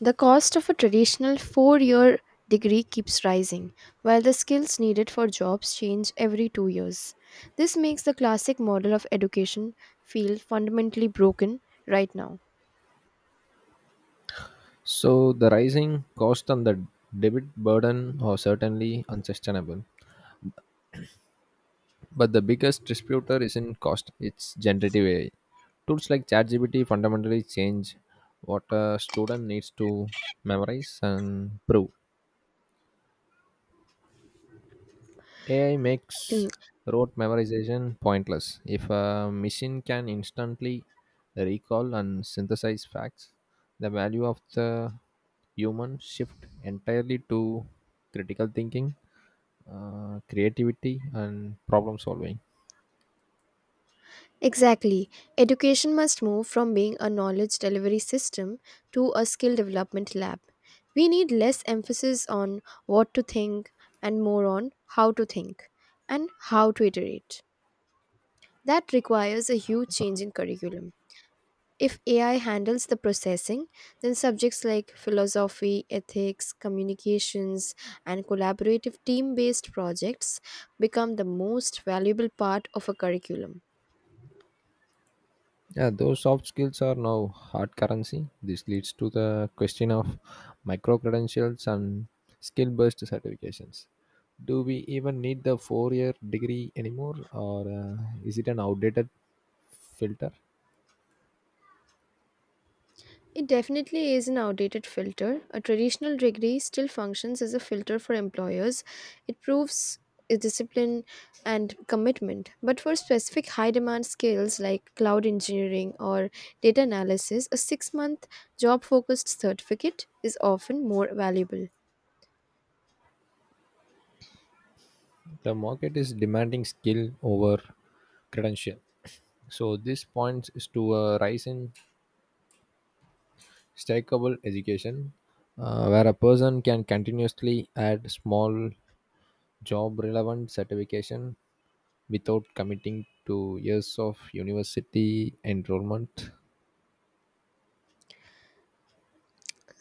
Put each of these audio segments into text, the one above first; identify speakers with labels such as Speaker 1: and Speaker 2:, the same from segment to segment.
Speaker 1: The cost of a traditional 4 year degree keeps rising, while the skills needed for jobs change every 2 years. This makes the classic model of education feel fundamentally broken right now.
Speaker 2: So the rising cost and the debit burden are certainly unsustainable. But the biggest distributor isn't cost, it's generative AI. Tools like ChatGPT fundamentally change what a student needs to memorize and prove. AI makes rote memorization pointless. If a machine can instantly recall and synthesize facts, the value of the human shift entirely to critical thinking, creativity and problem solving.
Speaker 1: Exactly. Education must move from being a knowledge delivery system to a skill development lab. We need less emphasis on what to think and more on how to think and how to iterate. That requires a huge change in curriculum. If AI handles the processing, then subjects like philosophy, ethics, communications, and collaborative team based projects become the most valuable part of a curriculum.
Speaker 2: Yeah, those soft skills are now hard currency. This leads to the question of micro credentials and skill based certifications. Do we even need the 4 year degree anymore, or is it an outdated filter?
Speaker 1: It definitely is an outdated filter. A traditional degree still functions as a filter for employers. It proves a discipline and commitment. But for specific high demand skills like cloud engineering or data analysis, a 6 month job focused certificate is often more valuable.
Speaker 2: The market is demanding skill over credential, so this points is to a rise in stackable education, where a person can continuously add small job relevant certification without committing to years of university enrollment.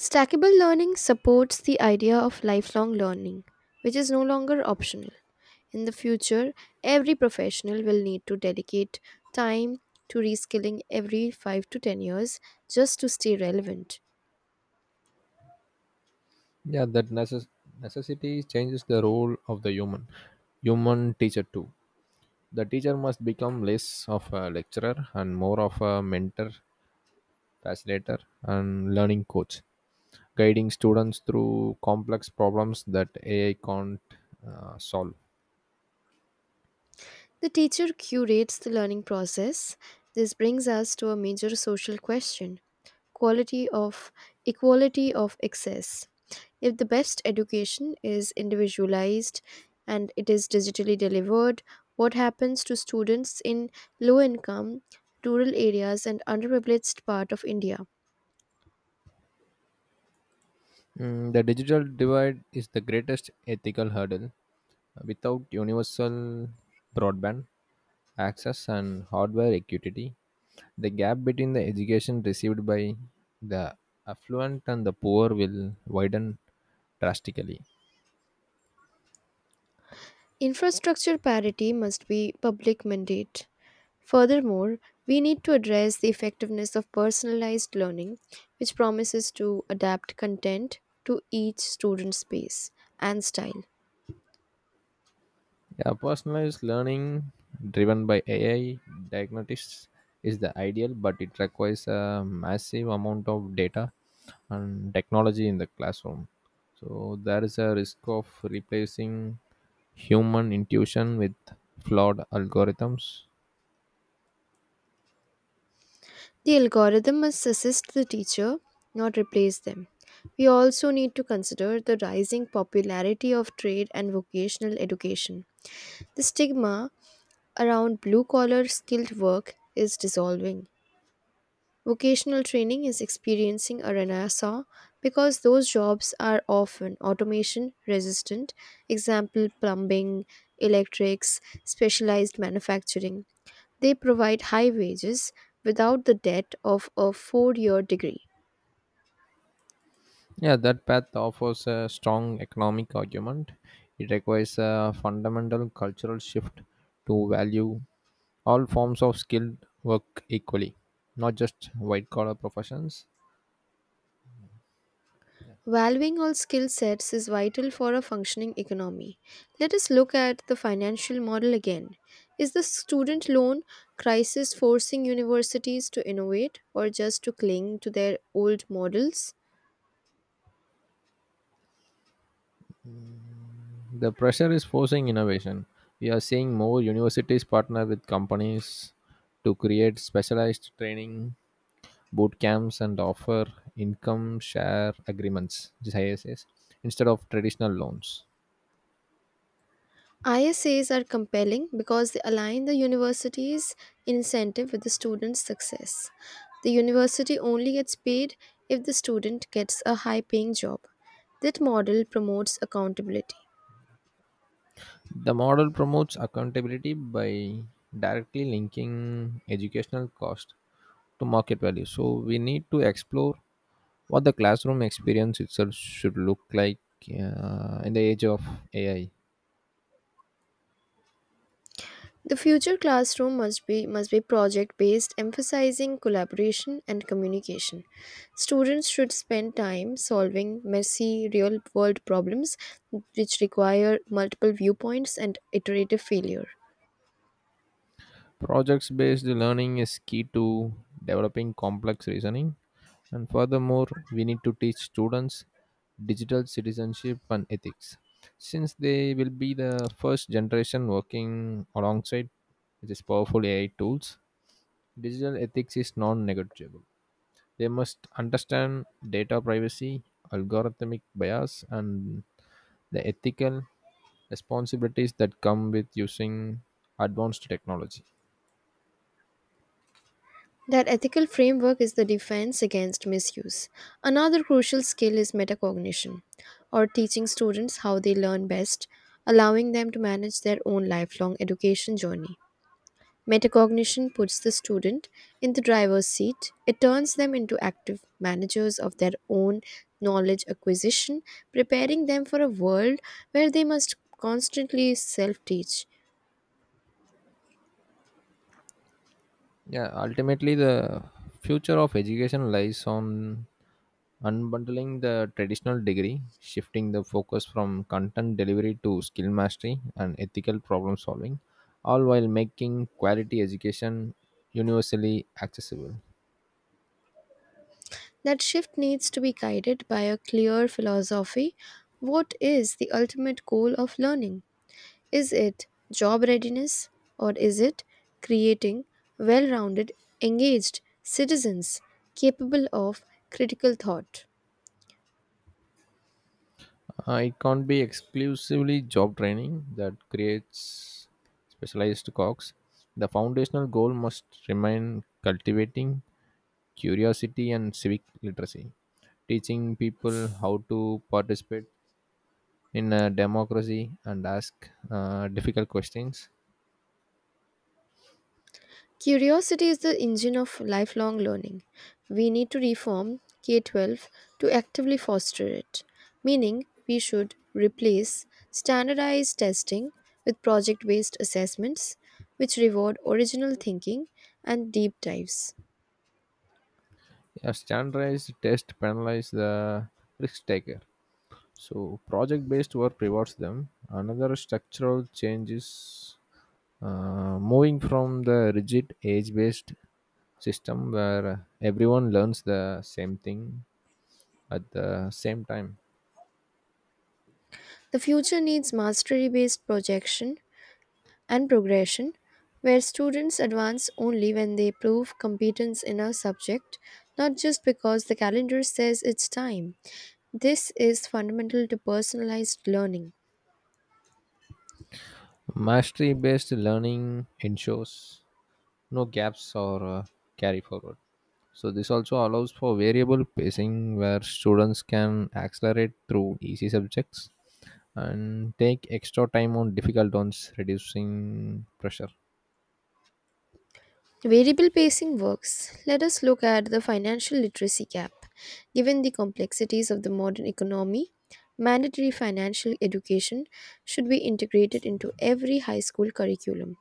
Speaker 1: Stackable learning supports the idea of lifelong learning, which is no longer optional. In the future, every professional will need to dedicate time to reskilling every 5 to 10 years just to stay relevant.
Speaker 2: Yeah, necessity changes the role of the human, human teacher too. The teacher must become less of a lecturer and more of a mentor, facilitator, and learning coach, guiding students through complex problems that AI can't solve.
Speaker 1: The teacher curates the learning process. This brings us to a major social question, quality of, equality of access. If the best education is individualized and it is digitally delivered, what happens to students in low income, rural areas, and underprivileged part of India?
Speaker 2: Mm, the digital divide is the greatest ethical hurdle. Without universal broadband access and hardware equity, the gap between the education received by the affluent and the poor will widen drastically.
Speaker 1: Infrastructure parity must be public mandate. Furthermore, we need to address the effectiveness of personalized learning, which promises to adapt content to each student's pace and style.
Speaker 2: Yeah, personalized learning driven by AI diagnostics is the ideal, but it requires a massive amount of data and technology in the classroom. So there is a risk of replacing human intuition with flawed algorithms.
Speaker 1: The algorithm must assist the teacher, not replace them. We also need to consider the rising popularity of trade and vocational education. The stigma around blue collar skilled work is dissolving. Vocational training is experiencing a renaissance because those jobs are often automation resistant, example plumbing, electrics, specialized manufacturing. They provide high wages without the debt of a 4 year degree.
Speaker 2: Yeah, that path offers a strong economic argument. It requires a fundamental cultural shift to value all forms of skilled work equally, not just white collar professions.
Speaker 1: Valuing all skill sets is vital for a functioning economy. Let us look at the financial model again. Is the student loan crisis forcing universities to innovate or just to cling to their old models?
Speaker 2: The pressure is forcing innovation. We are seeing more universities partner with companies to create specialized training, boot camps, and offer income share agreements, which is ISAs, instead of traditional loans.
Speaker 1: ISAs are compelling because they align the university's incentive with the student's success. The university only gets paid if the student gets a high paying job. That model promotes accountability.
Speaker 2: The model promotes accountability by directly linking educational cost to market value. So we need to explore what the classroom experience itself should look like, in the age of AI.
Speaker 1: The future classroom must be project based, emphasizing collaboration and communication. Students should spend time solving messy real world problems which require multiple viewpoints and iterative failure.
Speaker 2: Projects based learning is key to developing complex reasoning, and furthermore, we need to teach students digital citizenship and ethics, since they will be the first generation working alongside these powerful AI tools. Digital ethics is non negotiable. They must understand data privacy, algorithmic bias, and the ethical responsibilities that come with using advanced technology.
Speaker 1: That ethical framework is the defense against misuse. Another crucial skill is metacognition, or teaching students how they learn best, allowing them to manage their own lifelong education journey. Metacognition puts the student in the driver's seat. It turns them into active managers of their own knowledge acquisition, preparing them for a world where they must constantly self teach.
Speaker 2: Yeah, ultimately, the future of education lies on unbundling the traditional degree, shifting the focus from content delivery to skill mastery and ethical problem solving, all while making quality education universally accessible.
Speaker 1: That shift needs to be guided by a clear philosophy. What is the ultimate goal of learning? Is it job readiness or is it creating well rounded, engaged citizens capable of critical thought?
Speaker 2: It can't be exclusively job training that creates specialized cogs. The foundational goal must remain cultivating curiosity and civic literacy, teaching people how to participate in a democracy and ask difficult questions.
Speaker 1: Curiosity is the engine of lifelong learning. We need to reform K K-12 to actively foster it, meaning, we should replace standardized testing with project based assessments, which reward original thinking and deep dives.
Speaker 2: A standardized test penalize the risk taker, so project based work rewards them. Another structural change is moving from the rigid age based system where everyone learns the same thing at the same time.
Speaker 1: The future needs mastery based projection and progression, where students advance only when they prove competence in a subject, not just because the calendar says it's time. This is fundamental to personalized learning.
Speaker 2: Mastery based learning ensures no gaps or carry forward. So this also allows for variable pacing where students can accelerate through easy subjects and take extra time on difficult ones, reducing pressure.
Speaker 1: Variable pacing works. Let us look at the financial literacy gap. Given the complexities of the modern economy, mandatory financial education should be integrated into every high school curriculum.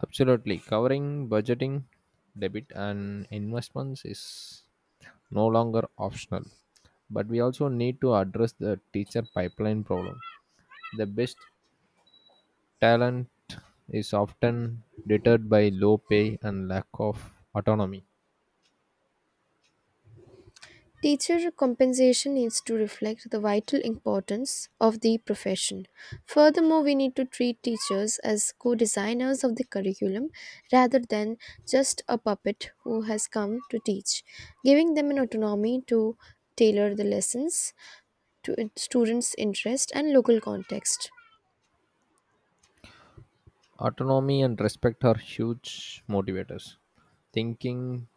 Speaker 2: Absolutely, covering budgeting, debit, and investments is no longer optional. But we also need to address the teacher pipeline problem. The best talent is often deterred by low pay and lack of autonomy.
Speaker 1: Teacher compensation needs to reflect the vital importance of the profession. Furthermore, we need to treat teachers as co designers of the curriculum rather than just a puppet who has come to teach, giving them an autonomy to tailor the lessons to students' interest and local context.
Speaker 2: Autonomy and respect are huge motivators. Thinking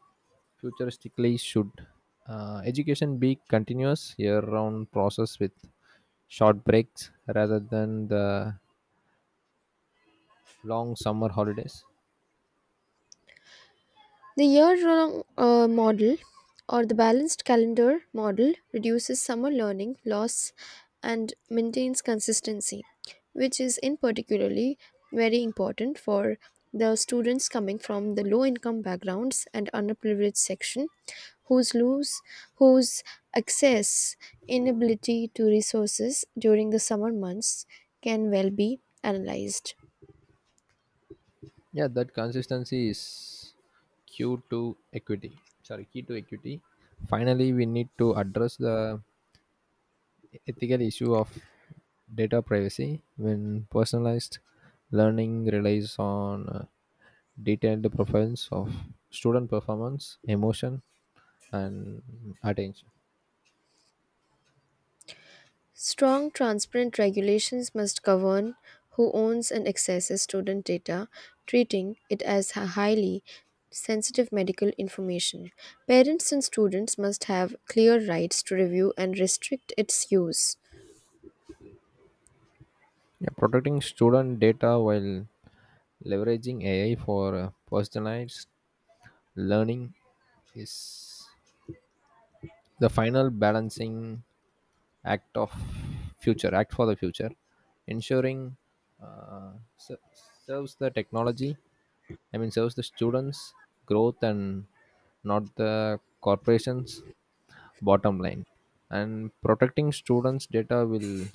Speaker 2: futuristically, should education be continuous year-round process with short breaks rather than the long summer holidays?
Speaker 1: The year long model or the balanced calendar model reduces summer learning loss and maintains consistency, which is in particularly very important for the students coming from the low income backgrounds and underprivileged section whose lose whose access, inability to resources during the summer months, can well be analyzed.
Speaker 2: Yeah, that consistency is key to equity. Sorry, key to equity. Finally, we need to address the ethical issue of data privacy when personalized learning relies on. Detailed profiles of student performance, emotion, and attention.
Speaker 1: Strong, transparent regulations must govern who owns and accesses student data, treating it as a highly sensitive medical information. Parents and students must have clear rights to review and restrict its use.
Speaker 2: Yeah, protecting student data while leveraging AI for personalized learning is the final balancing act of future act for the future, ensuring uh, serves the technology. I mean, serves the students' growth and not the corporations bottom line. And protecting students data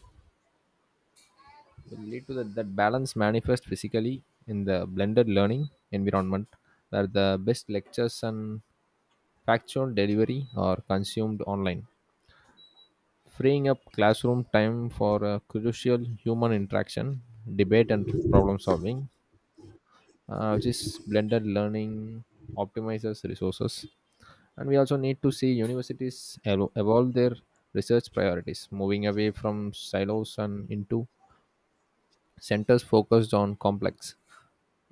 Speaker 2: will lead to that balance manifest physically in the blended learning environment where the best lectures and factual delivery are consumed online, freeing up classroom time for a crucial human interaction, debate and problem solving, which is blended learning optimizes resources. And we also need to see universities evolve their research priorities, moving away from silos and into centers focused on complex,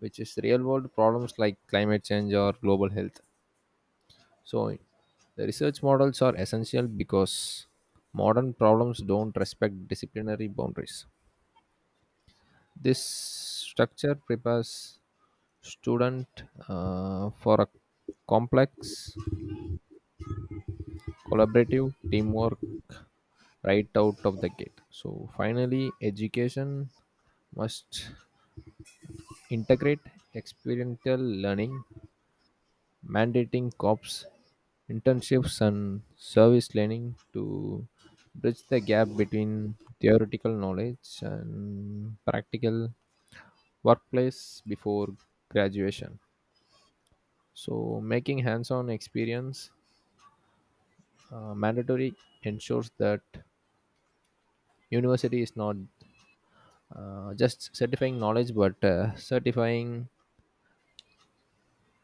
Speaker 2: which is real world problems like climate change or global health. So the research models are essential because modern problems don't respect disciplinary boundaries. This structure prepares student for a complex collaborative teamwork right out of the gate. So finally, education must integrate experiential learning, mandating COPs, internships, and service learning to bridge the gap between theoretical knowledge and practical workplace before graduation. So, making hands on experience mandatory ensures that university is not just certifying knowledge but certifying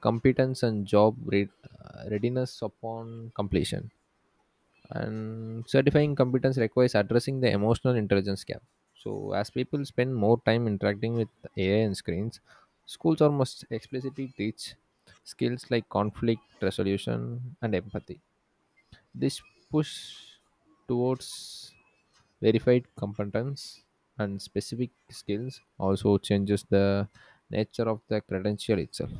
Speaker 2: competence and readiness upon completion. And certifying competence requires addressing the emotional intelligence gap. So as people spend more time interacting with AI and screens, schools almost explicitly teach skills like conflict resolution and empathy. This push towards verified competence and specific skills also changes the nature of the credential itself.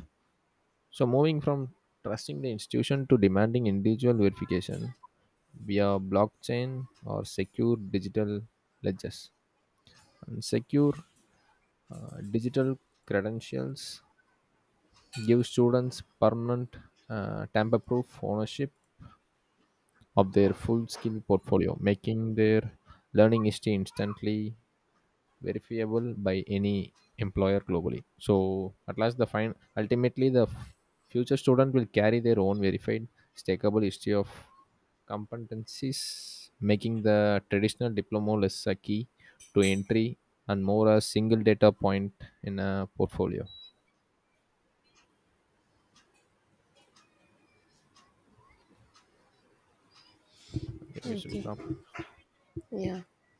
Speaker 2: So, moving from trusting the institution to demanding individual verification via blockchain or secure digital ledgers. And secure digital credentials give students permanent, tamper-proof ownership of their full skill portfolio, making their learning history instantly verifiable by any employer globally. So at last, the fine ultimately the f- future student will carry their own verified stakeable history of competencies, making the traditional diploma less a key to entry and more a single data point in a portfolio. I think we should stop.
Speaker 1: Yeah.